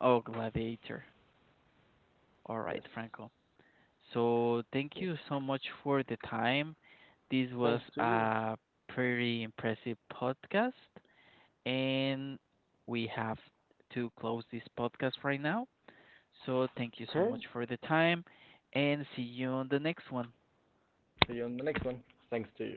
[SPEAKER 1] Oh, Gladiator.
[SPEAKER 2] Yes.
[SPEAKER 1] All right, Franco. So
[SPEAKER 2] Well,
[SPEAKER 1] thank you so much for the time. This
[SPEAKER 2] thanks
[SPEAKER 1] was
[SPEAKER 2] to you.
[SPEAKER 1] a pretty impressive podcast, and we have to close this podcast right now. So thank you
[SPEAKER 2] Okay.
[SPEAKER 1] so much for the time, and see you on the next one.
[SPEAKER 2] See you on the next one. Thanks to you.